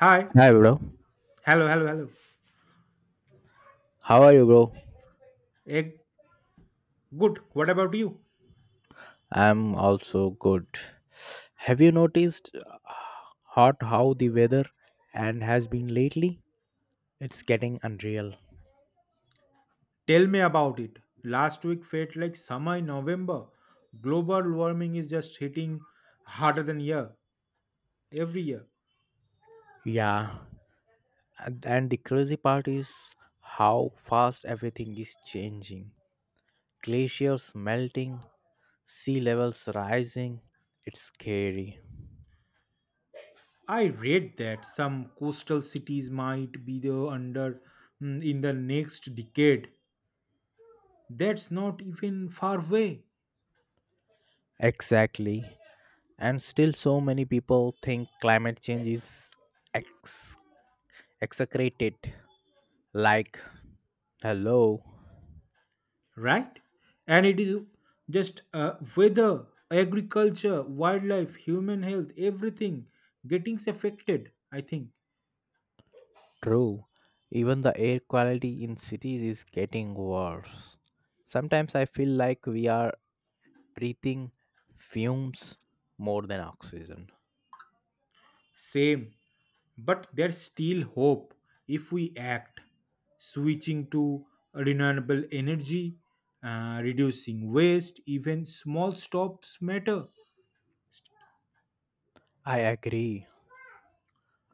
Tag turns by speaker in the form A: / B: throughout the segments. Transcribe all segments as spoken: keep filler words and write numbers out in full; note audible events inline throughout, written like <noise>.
A: Hi.
B: Hi, bro.
A: Hello, hello, hello.
B: How are you, bro?
A: Eh, Good. What about you?
B: I'm also good. Have you noticed uh, hot how the weather and has been lately? It's getting unreal.
A: Tell me about it. Last week felt like summer in November. Global warming is just hitting harder than year every year.
B: Yeah, and and the crazy part is how fast everything is changing. Glaciers melting, sea levels rising. It's scary.
A: I read that some coastal cities might be the under mm, in the next decade. That's not even far away,
B: Exactly. And still, so many people think climate change is ex- execrated. Like, hello.
A: right? And it is just uh, weather, agriculture, wildlife, human health, everything getting affected, I think.
B: True, even the air quality in cities is getting worse. Sometimes I feel like we are breathing fumes more than oxygen.
A: Same, but there's still hope if we act, switching to renewable energy, uh, reducing waste, even small stops matter.
B: I agree.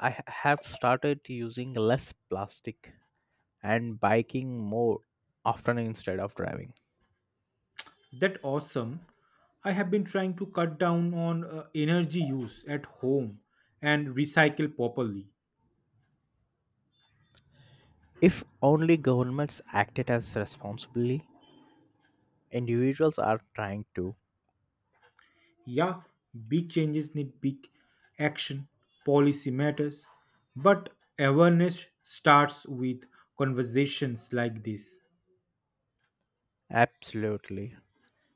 B: I h- have started using less plastic and biking more often instead of driving.
A: That awesome. I have been trying to cut down on uh, energy use at home and recycle properly.
B: If only governments acted as responsibly, individuals are trying to.
A: Yeah, big changes need big action. Policy matters, but awareness starts with conversations like this.
B: Absolutely.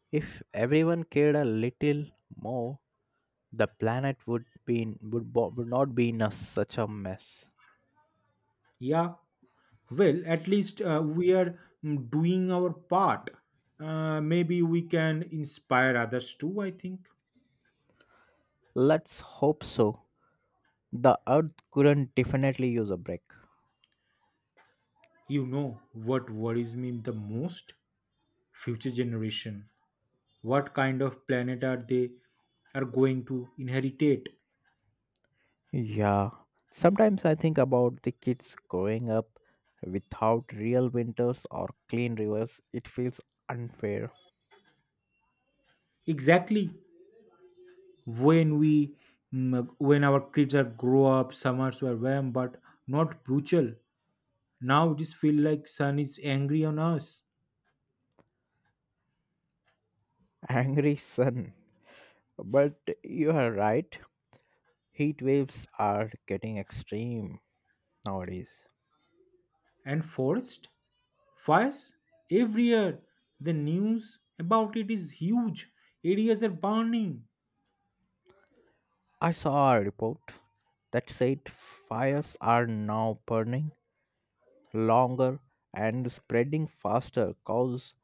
B: If everyone cared a little more, the planet would be in, would, bo- would not be in a, such a mess.
A: Yeah, well, at least uh, we are mm, doing our part. Uh, maybe we can inspire others too, I think.
B: Let's hope so. The earth couldn't definitely use a break.
A: You know what worries me the most? Future generation. What kind of planet are they are going to inherit?
B: Yeah, sometimes I think about the kids growing up without real winters or clean rivers. It feels unfair.
A: Exactly, when we mm, when our kids are grow up, summers were warm but not brutal. Now it is feel like sun is angry on us.
B: <laughs> Angry sun. But you are right. Heat waves are getting extreme nowadays.
A: And forest fires every year. The news about it is huge. Areas are burning.
B: I saw a report that said fires are now burning longer and spreading faster cause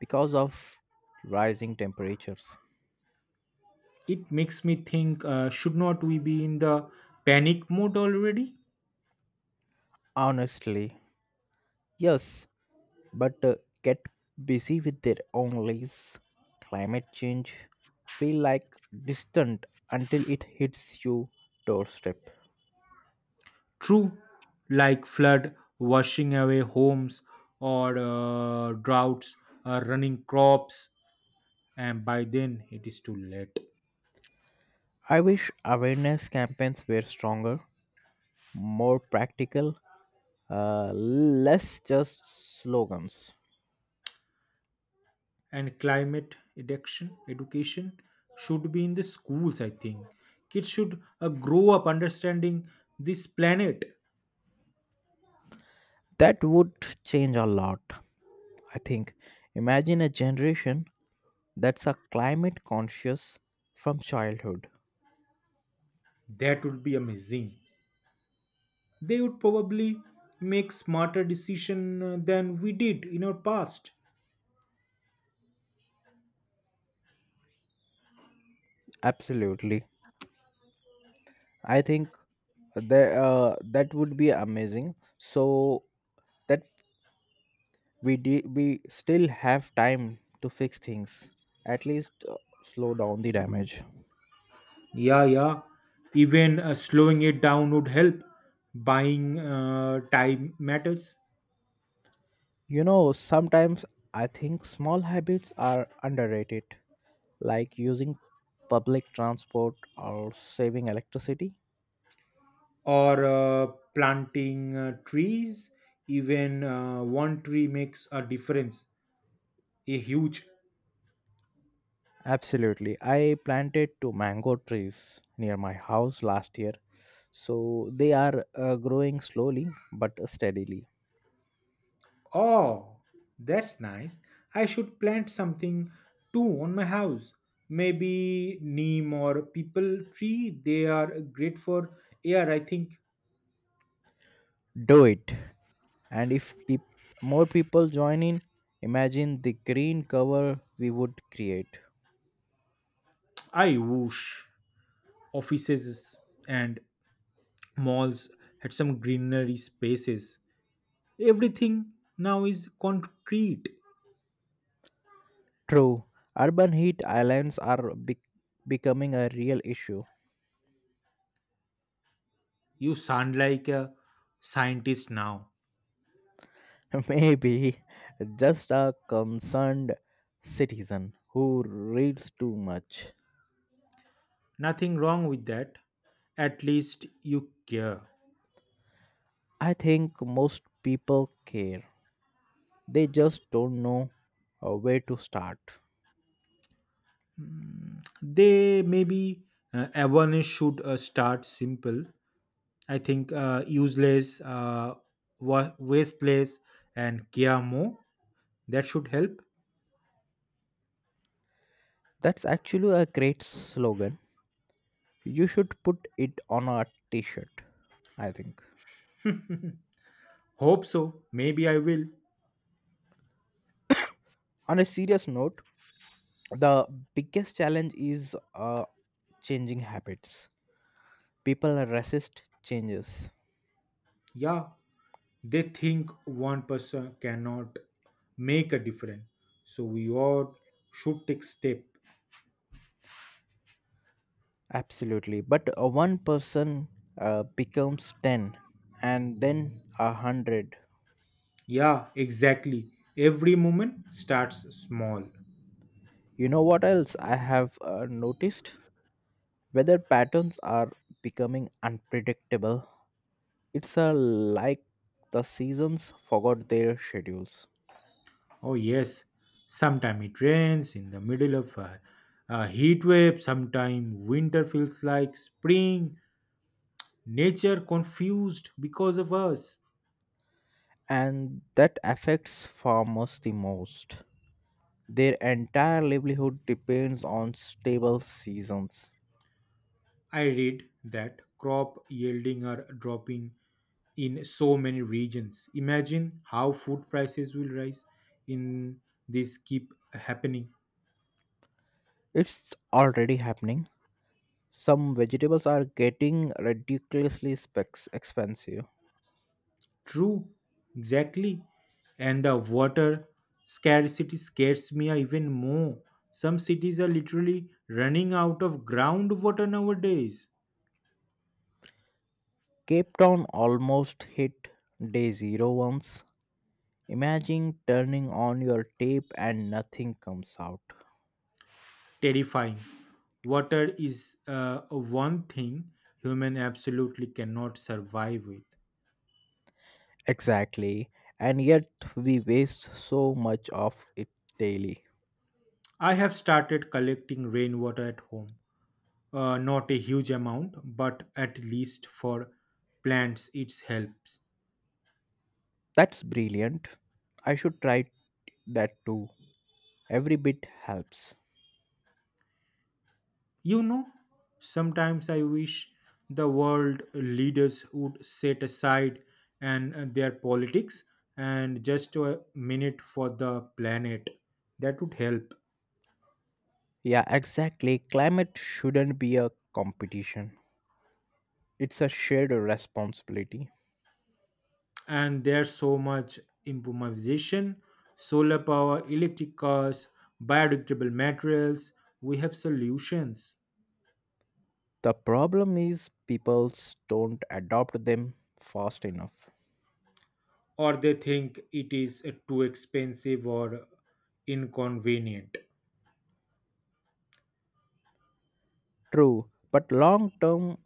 B: because of rising temperatures.
A: It makes me think, uh, should not we be in the panic mode already?
B: Honestly, yes, but uh, get busy with their own lives. Climate change feel like distant until it hits you doorstep.
A: True, like flood washing away homes or uh, droughts uh, running crops, and by then it is too late.
B: I wish awareness campaigns were stronger, more practical, uh, less just slogans.
A: And climate education education should be in the schools, I think. Kids should uh, grow up understanding this planet.
B: That would change a lot, I think. Imagine a generation that's a climate conscious from childhood.
A: That would be amazing. They would probably make smarter decision uh, than we did in our past.
B: Absolutely. I think that uh, that would be amazing. So that we de- we still have time to fix things. At least uh, slow down the damage.
A: Yeah yeah even uh, slowing it down would help. Buying uh, time matters.
B: You know, sometimes I think small habits are underrated, like using public transport or saving electricity.
A: Or uh, planting uh, trees, even uh, one tree makes a difference, a huge.
B: Absolutely. I planted two mango trees near my house last year, so they are uh, growing slowly but steadily.
A: Oh, that's nice. I should plant something too on my house. Maybe neem or people tree. They are great for air, I think.
B: Do it. And if peop more people join in, imagine the green cover we would create.
A: I wish offices and malls had some greenery spaces. Everything now is concrete.
B: True, urban heat islands are bec becoming a real issue.
A: You sound like a scientist now.
B: <laughs> Maybe just a concerned citizen who reads too much.
A: Nothing wrong with that. At least you care.
B: I think most people care. They just don't know uh, where to start.
A: Mm, they maybe uh, awareness should uh, start simple, I think. Uh, useless uh, wa- waste place and care more, that should help.
B: That's actually a great slogan. You should put it on a t shirt, I think.
A: Hope so, maybe I will.
B: On a serious note, the biggest challenge is uh, changing habits. People resist changes,
A: Yeah, they think one person cannot make a difference, so we all should take step.
B: absolutely. But uh, one person uh, becomes ten and then a hundred.
A: Yeah, exactly, every moment starts small.
B: You know what else I have uh, noticed? Weather patterns are becoming unpredictable. It's a, like the seasons forgot their schedules,
A: Oh yes, sometime it rains in the middle of a, a heat wave. Sometime winter feels like spring. Nature confused because of us.
B: and that affects farmers the most. Their entire livelihood depends on stable seasons.
A: I read that crop yielding are dropping in so many regions. Imagine how food prices will rise in this keep happening.
B: It's already happening. Some vegetables are getting ridiculously specs expensive.
A: True, exactly. And the water scarcity scares me even more. Some cities are literally running out of groundwater nowadays.
B: Cape Town almost hit day zero once. Imagine turning on your tape and nothing comes out.
A: Terrifying. Water is uh, one thing human absolutely cannot survive with.
B: Exactly. And yet we waste so much of it daily.
A: I have started collecting rainwater at home. Uh, not a huge amount, but at least for plants it helps.
B: That's brilliant. I should try that too. Every bit helps.
A: You know, sometimes I wish the world leaders would set aside and uh, their politics and just a minute for the planet. That would help.
B: Yeah, exactly. Climate shouldn't be a competition, it's a shared responsibility.
A: And there's so much improvisation, solar power, electric cars, biodegradable materials. We have solutions.
B: The problem is people don't adopt them fast enough.
A: Or they think it is uh, too expensive or inconvenient.
B: True, but long term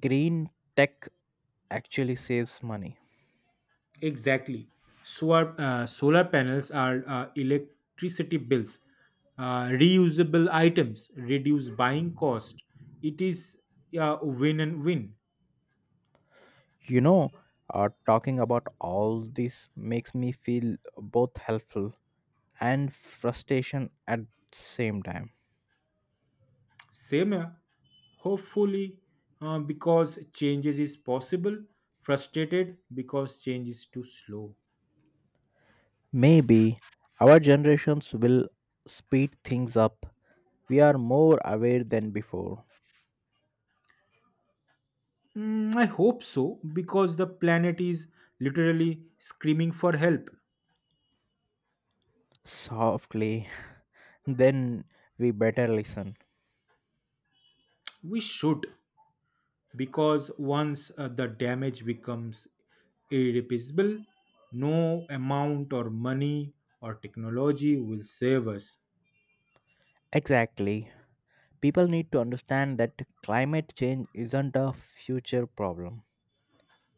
B: green tech actually saves money.
A: Exactly. Solar, uh, solar panels are uh, electricity bills, uh, reusable items, reduce buying cost. It is uh, win and win.
B: You know, uh, talking about all this makes me feel both helpful and frustration at the same time.
A: Same here. Hopefully, uh, because changes is possible. Frustrated because change is too slow.
B: Maybe our generations will speed things up. We are more aware than before.
A: Mm, I hope so because the planet is literally screaming for help.
B: Softly, <laughs> then we better listen.
A: We should. Because once uh, the damage becomes irreparable, no amount or money or technology will save us.
B: Exactly. People need to understand that climate change isn't a future problem.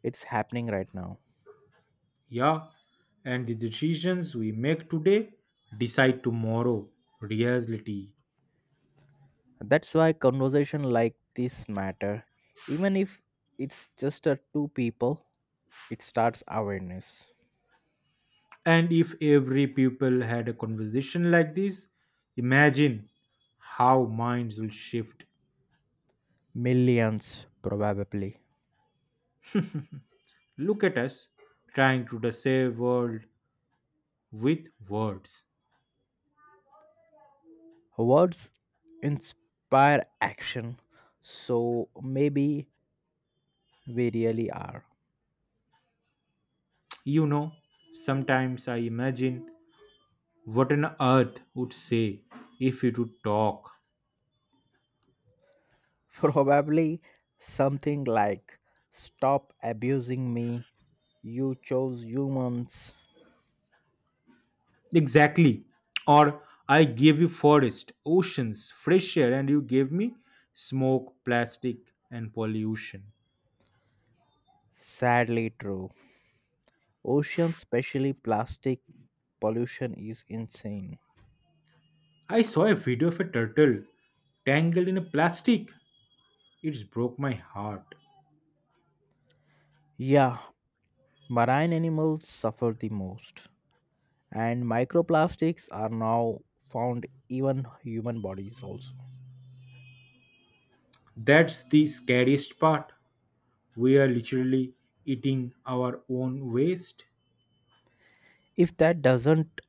B: It's happening right now.
A: Yeah, and the decisions we make today decide tomorrow reality.
B: That's why conversation like this matter. Even if it's just a two people, it starts awareness.
A: And if every people had a conversation like this, imagine how minds will shift.
B: Millions probably.
A: Look at us trying to the save world with words.
B: Words inspire action. So maybe we really are.
A: You know, sometimes I imagine what on earth would say if it would talk.
B: <laughs> Probably something like stop abusing me. You chose humans.
A: Exactly, or I gave you forest oceans fresh air and you gave me smoke plastic and pollution.
B: Sadly true. Ocean, especially plastic pollution is insane.
A: I saw a video of a turtle tangled in a plastic. It broke my heart.
B: Yeah, Marine animals suffer the most, and microplastics are now found even human bodies also.
A: That's the scariest part, we are literally eating our own waste.
B: If that doesn't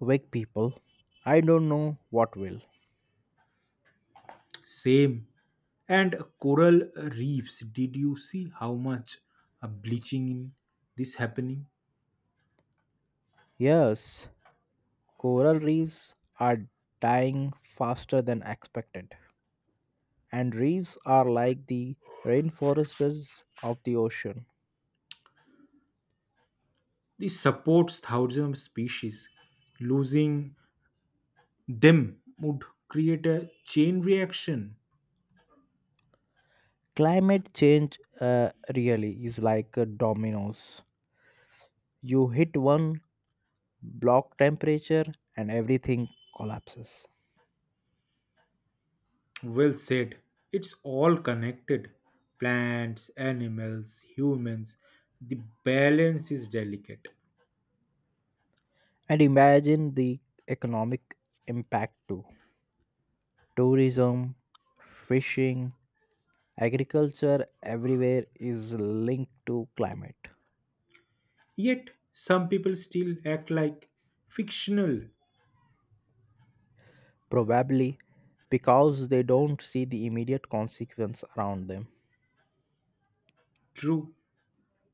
B: wake people, I don't know what will.
A: Same. And coral reefs. Did you see how much a bleaching in this happening?
B: Yes, coral reefs are dying faster than expected, and reefs are like the rainforests of the ocean.
A: This supports thousands of species. Losing them would create a chain reaction.
B: Climate change uh, really is like a dominoes. You hit one block temperature, and everything collapses.
A: Well said. It's all connected. Plants, animals, humans. The balance is delicate.
B: And imagine the economic impact too. Tourism, fishing, agriculture everywhere is linked to climate.
A: Yet some people still act like fictional.
B: Probably because they don't see the immediate consequence around them.
A: True.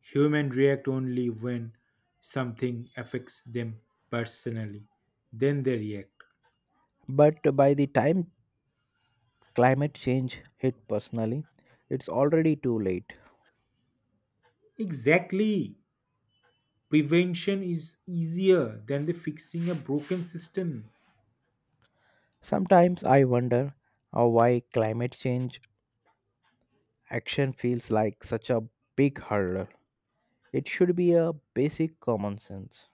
A: Humans react only when something affects them personally. Then they react.
B: But by the time climate change hit personally, it's already too late.
A: Exactly. Prevention is easier than the fixing a broken system
B: Sometimes I wonder uh, why climate change action feels like such a big hurdle. It should be a basic common sense.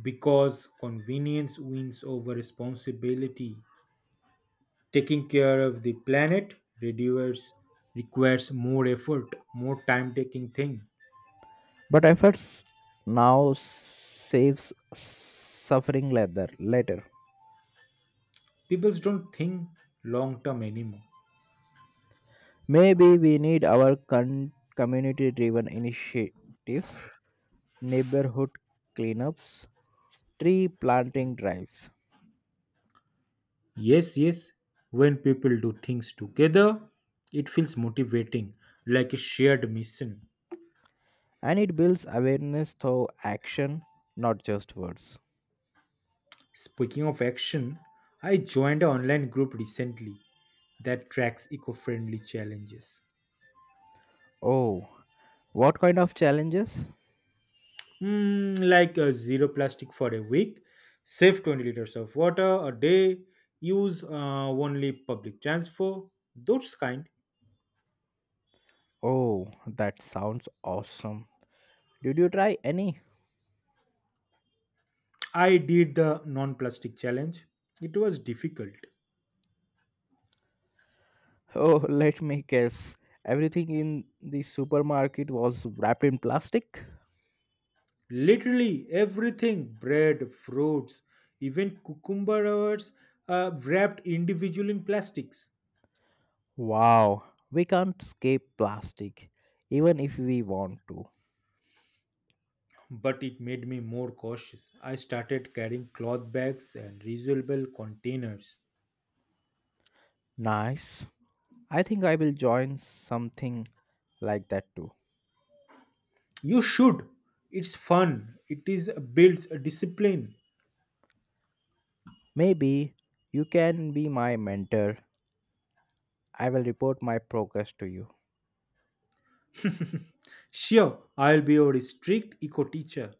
A: because convenience wins over responsibility. Taking care of the planet reduces requires more effort, more time taking thing.
B: But efforts now saves suffering later. later.
A: People don't think long term anymore.
B: Maybe we need our con- community driven initiatives, neighborhood cleanups, tree planting drives,
A: Yes, yes. When people do things together, it feels motivating, like a shared mission.
B: and it builds awareness through action, not just words.
A: Speaking of action, I joined an online group recently that tracks eco friendly challenges.
B: Oh, what kind of challenges?
A: Hmm, like uh, zero plastic for a week, save 20 liters of water a day, use uh, only public transport, those kind.
B: Oh, that sounds awesome. Did you try any?
A: I did the non plastic challenge. It was difficult.
B: Oh, <laughs> let me guess. Everything in the supermarket was wrapped in plastic?
A: Literally everything bread, fruits, even cucumbers uh, wrapped individually in plastics.
B: Wow, we can't escape plastic, even if we want to.
A: But it made me more cautious. I started carrying cloth bags and reusable containers.
B: Nice. I think I will join something like that too.
A: You should. It's fun. It is builds a discipline.
B: Maybe you can be my mentor. I will report my progress to you.
A: Sure, I'll be your strict eco teacher.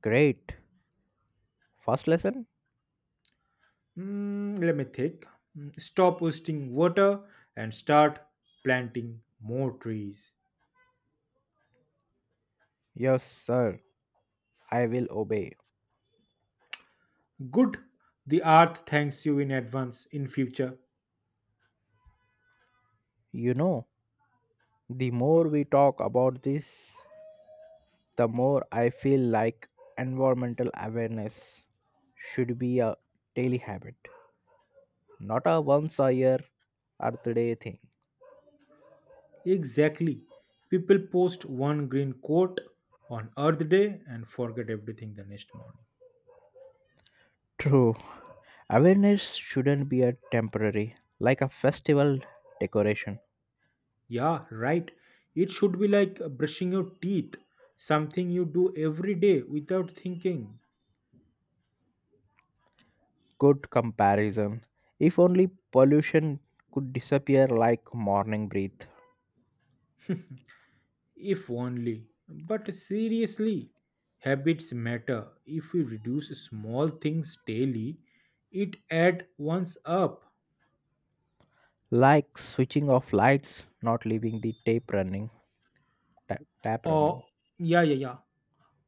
B: Great. First lesson?
A: Hmm, let me think. Hmm, stop wasting water and start planting more trees.
B: Yes, sir. I will obey.
A: Good, the earth thanks you in advance in future.
B: You know, the more we talk about this, the more I feel like environmental awareness should be a daily habit, not a once a year Earth Day thing.
A: Exactly, people post one green coat on earth day and forget everything the next morning.
B: True, awareness shouldn't be a temporary, like a festival decoration.
A: Yeah, right, it should be like brushing your teeth, something you do every day without thinking.
B: Good comparison. If only pollution could disappear like morning breath,
A: If only, but seriously, habits matter. If we reduce small things daily, it adds once up.
B: like switching off lights, not leaving the tape running, ta- tap running.
A: Or yeah yeah yeah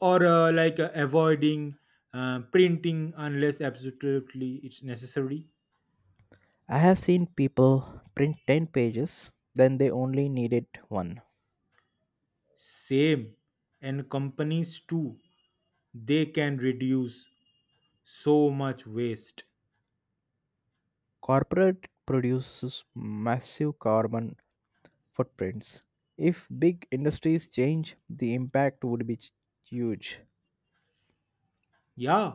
A: or uh, like uh, avoiding uh, printing unless absolutely it's necessary.
B: I have seen people print ten pages, then they only needed one.
A: Same, and companies too, they can reduce so much waste.
B: Corporate produces massive carbon footprints. If big industries change, the impact would be ch- huge.
A: Yeah,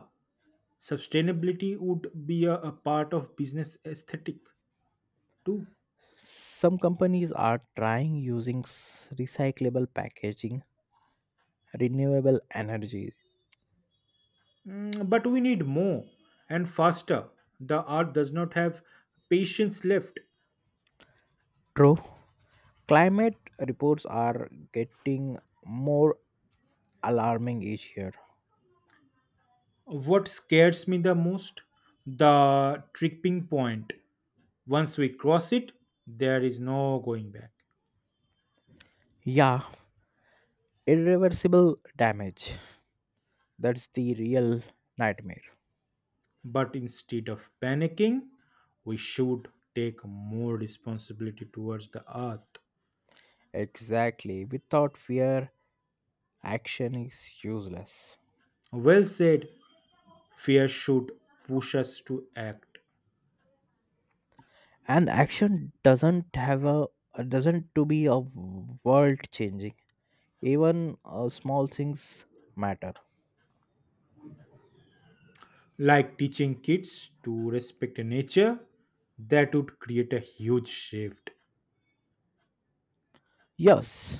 A: sustainability would be a, a part of business aesthetic too.
B: Some companies are trying using s- recyclable packaging, renewable energy.
A: Mm, but we need more and faster. The art does not have patience left.
B: True, climate reports are getting more alarming each year.
A: What scares me the most? The tripping point. Once we cross it, there is no going back.
B: Yeah, irreversible damage. That's the real nightmare.
A: But instead of panicking, we should take more responsibility towards the earth.
B: Exactly. Without fear, action is useless.
A: Well said, fear should push us to act.
B: And action doesn't have a doesn't to be a world changing. Even uh, small things matter.
A: Like teaching kids to respect nature, that would create a huge shift.
B: Yes,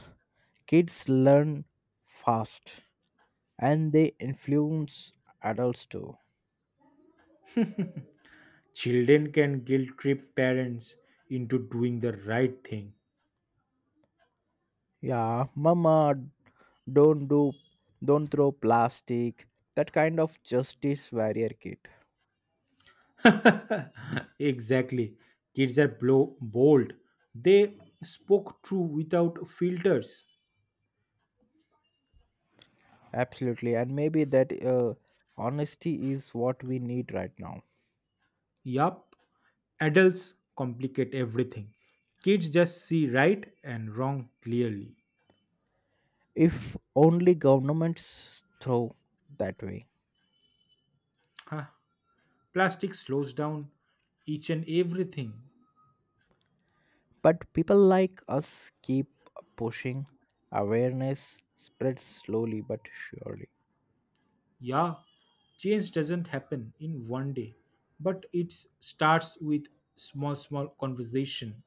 B: kids learn fast and they influence adults too.
A: Children can guilt trip parents into doing the right thing.
B: Yeah, mama, don't do don't throw plastic. That kind of justice warrior kid.
A: <laughs> Exactly. Kids are blow, bold. They spoke true without filters.
B: Absolutely. And maybe that uh, honesty is what we need right now.
A: Yup. Adults complicate everything. Kids just see right and wrong clearly.
B: If only governments throw that way.
A: Huh. Plastic slows down each and everything.
B: But people like us keep pushing. Awareness spreads slowly but surely.
A: Yeah. Change doesn't happen in one day, but it starts with small, small conversation.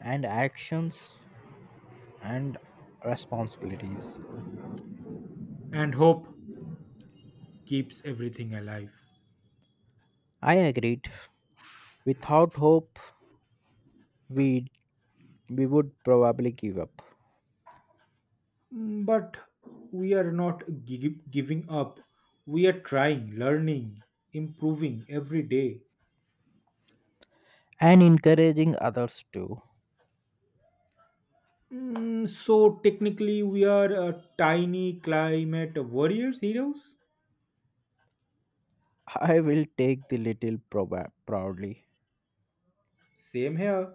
B: And actions and responsibilities.
A: And hope keeps everything alive.
B: I agreed. Without hope, we we would probably give up.
A: Mm, but we are not gi- giving up. We are trying, learning, improving every day.
B: And encouraging others too.
A: Mm, so technically, we are uh, tiny climate warriors heroes.
B: I will take the little proba- proudly.
A: Same here.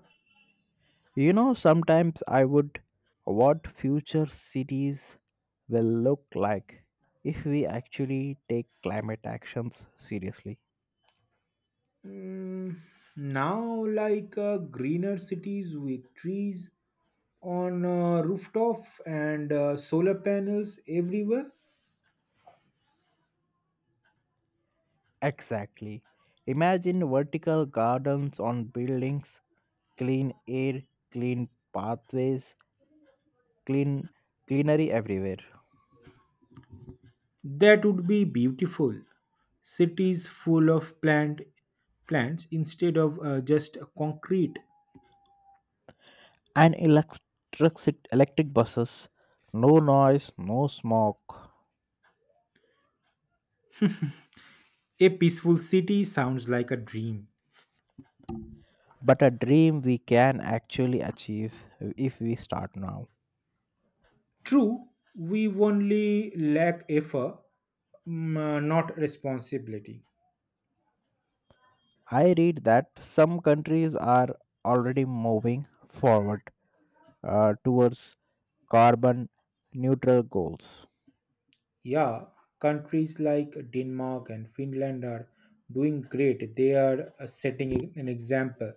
B: You know, sometimes I would what future cities will look like if we actually take climate actions seriously.
A: Mm, now, like uh, greener cities with trees on uh, rooftop and uh, solar panels everywhere.
B: Exactly. Imagine vertical gardens on buildings, clean air, clean pathways, clean cleanery everywhere.
A: That would be beautiful. Cities full of plant plants instead of uh, just concrete.
B: And electric electric buses. No noise, no smoke.
A: A peaceful city sounds like a dream.
B: But a dream we can actually achieve if we start now.
A: True, we only lack effort, mm, uh, not responsibility.
B: I read that some countries are already moving forward uh, towards carbon neutral goals.
A: Yeah, countries like Denmark and Finland are doing great. They are uh, setting an an example.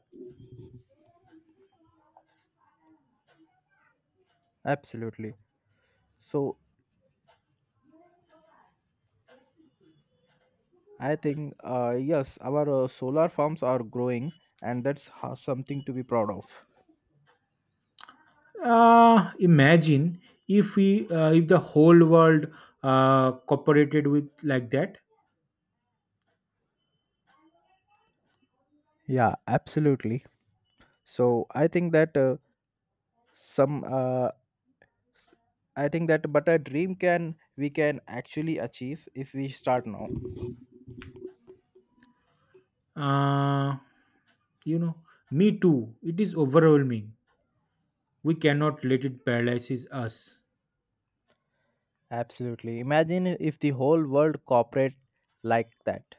B: Absolutely. So I think uh, yes, our uh, solar farms are growing, and that's ho- something to be proud of.
A: Uh, imagine if we uh, if the whole world uh, cooperated with like that.
B: Yeah, absolutely. So I think that uh, some uh, I think that but a dream can we can actually achieve if we start now.
A: Uh, you know, me too. It is overwhelming. We cannot let it paralyze us.
B: Absolutely. Imagine if the whole world cooperate like that.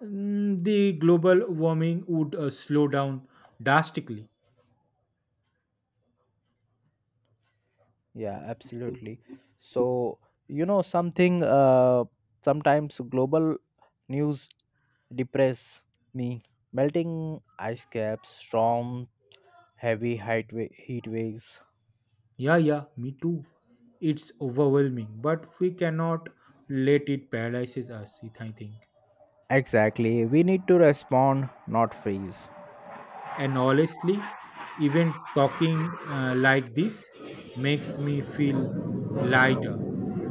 A: Mm, the global warming would uh, slow down drastically.
B: Yeah, absolutely. So, you know, something uh, sometimes global news depress me. Melting ice caps, storm, heavy height wa- heat waves.
A: Yeah, yeah, me too. It's overwhelming, but we cannot let it paralyze us, it- I think.
B: Exactly. We need to respond, not freeze.
A: And honestly, even talking uh, like this makes me feel lighter,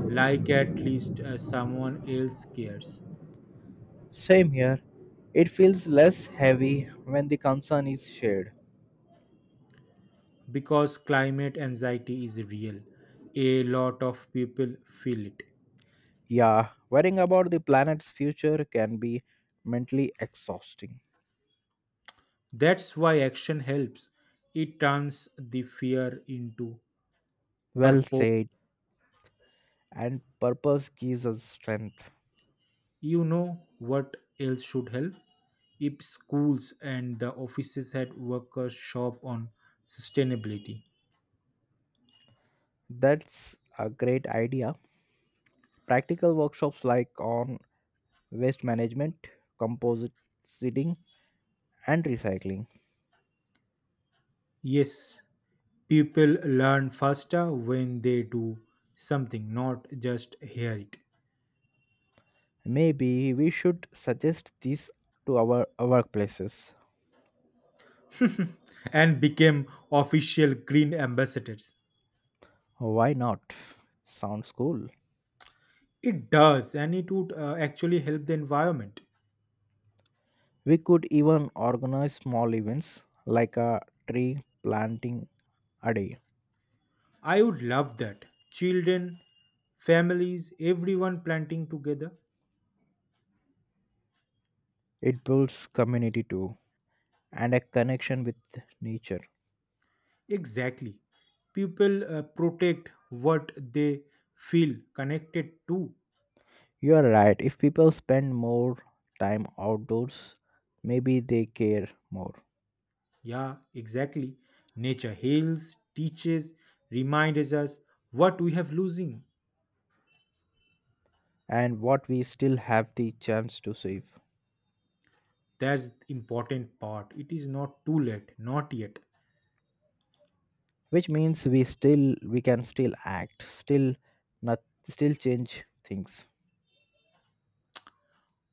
A: like at least uh, someone else cares.
B: Same here. It feels less heavy when the concern is shared.
A: Because climate anxiety is real. A lot of people feel it.
B: Yeah, worrying about the planet's future can be mentally exhausting.
A: That's why action helps. It turns the fear into
B: Well
A: purpose.
B: said, and purpose gives us strength.
A: You know what else should help? If schools and the offices had workers shop on sustainability.
B: That's a great idea. Practical workshops like on waste management, compositing, and recycling.
A: Yes, people learn faster when they do something, not just hear it.
B: Maybe we should suggest these to our workplaces.
A: <laughs> And became official green ambassadors.
B: Why not? Sounds cool.
A: It does, and it would uh, actually help the environment.
B: We could even organize small events like a tree planting a day.
A: I would love that. Children, families, everyone planting together.
B: It builds community too and a connection with nature.
A: Exactly. People uh, protect what they feel connected to.
B: You are right. If people spend more time outdoors, maybe they care more.
A: Yeah, exactly. Nature heals, teaches, reminds us what we have losing.
B: And what we still have the chance to save,
A: That's the important part. It is not too late, not yet.
B: which means we still we can still act, still not still change things.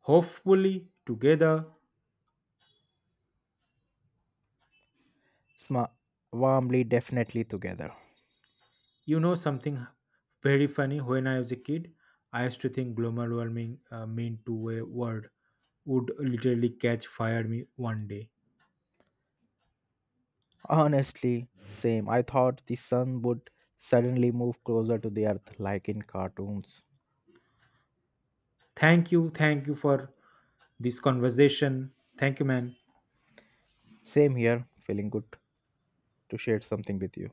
A: Hopefully, together.
B: Sma- warmly, definitely together.
A: You know something very funny? When I was a kid, I used to think global warming uh, meant to a word would literally catch fire me one day.
B: Honestly, same. I thought the sun would suddenly move closer to the earth, like in cartoons.
A: Thank you, thank you for this conversation. Thank you, man.
B: Same here. Feeling good to share something with you.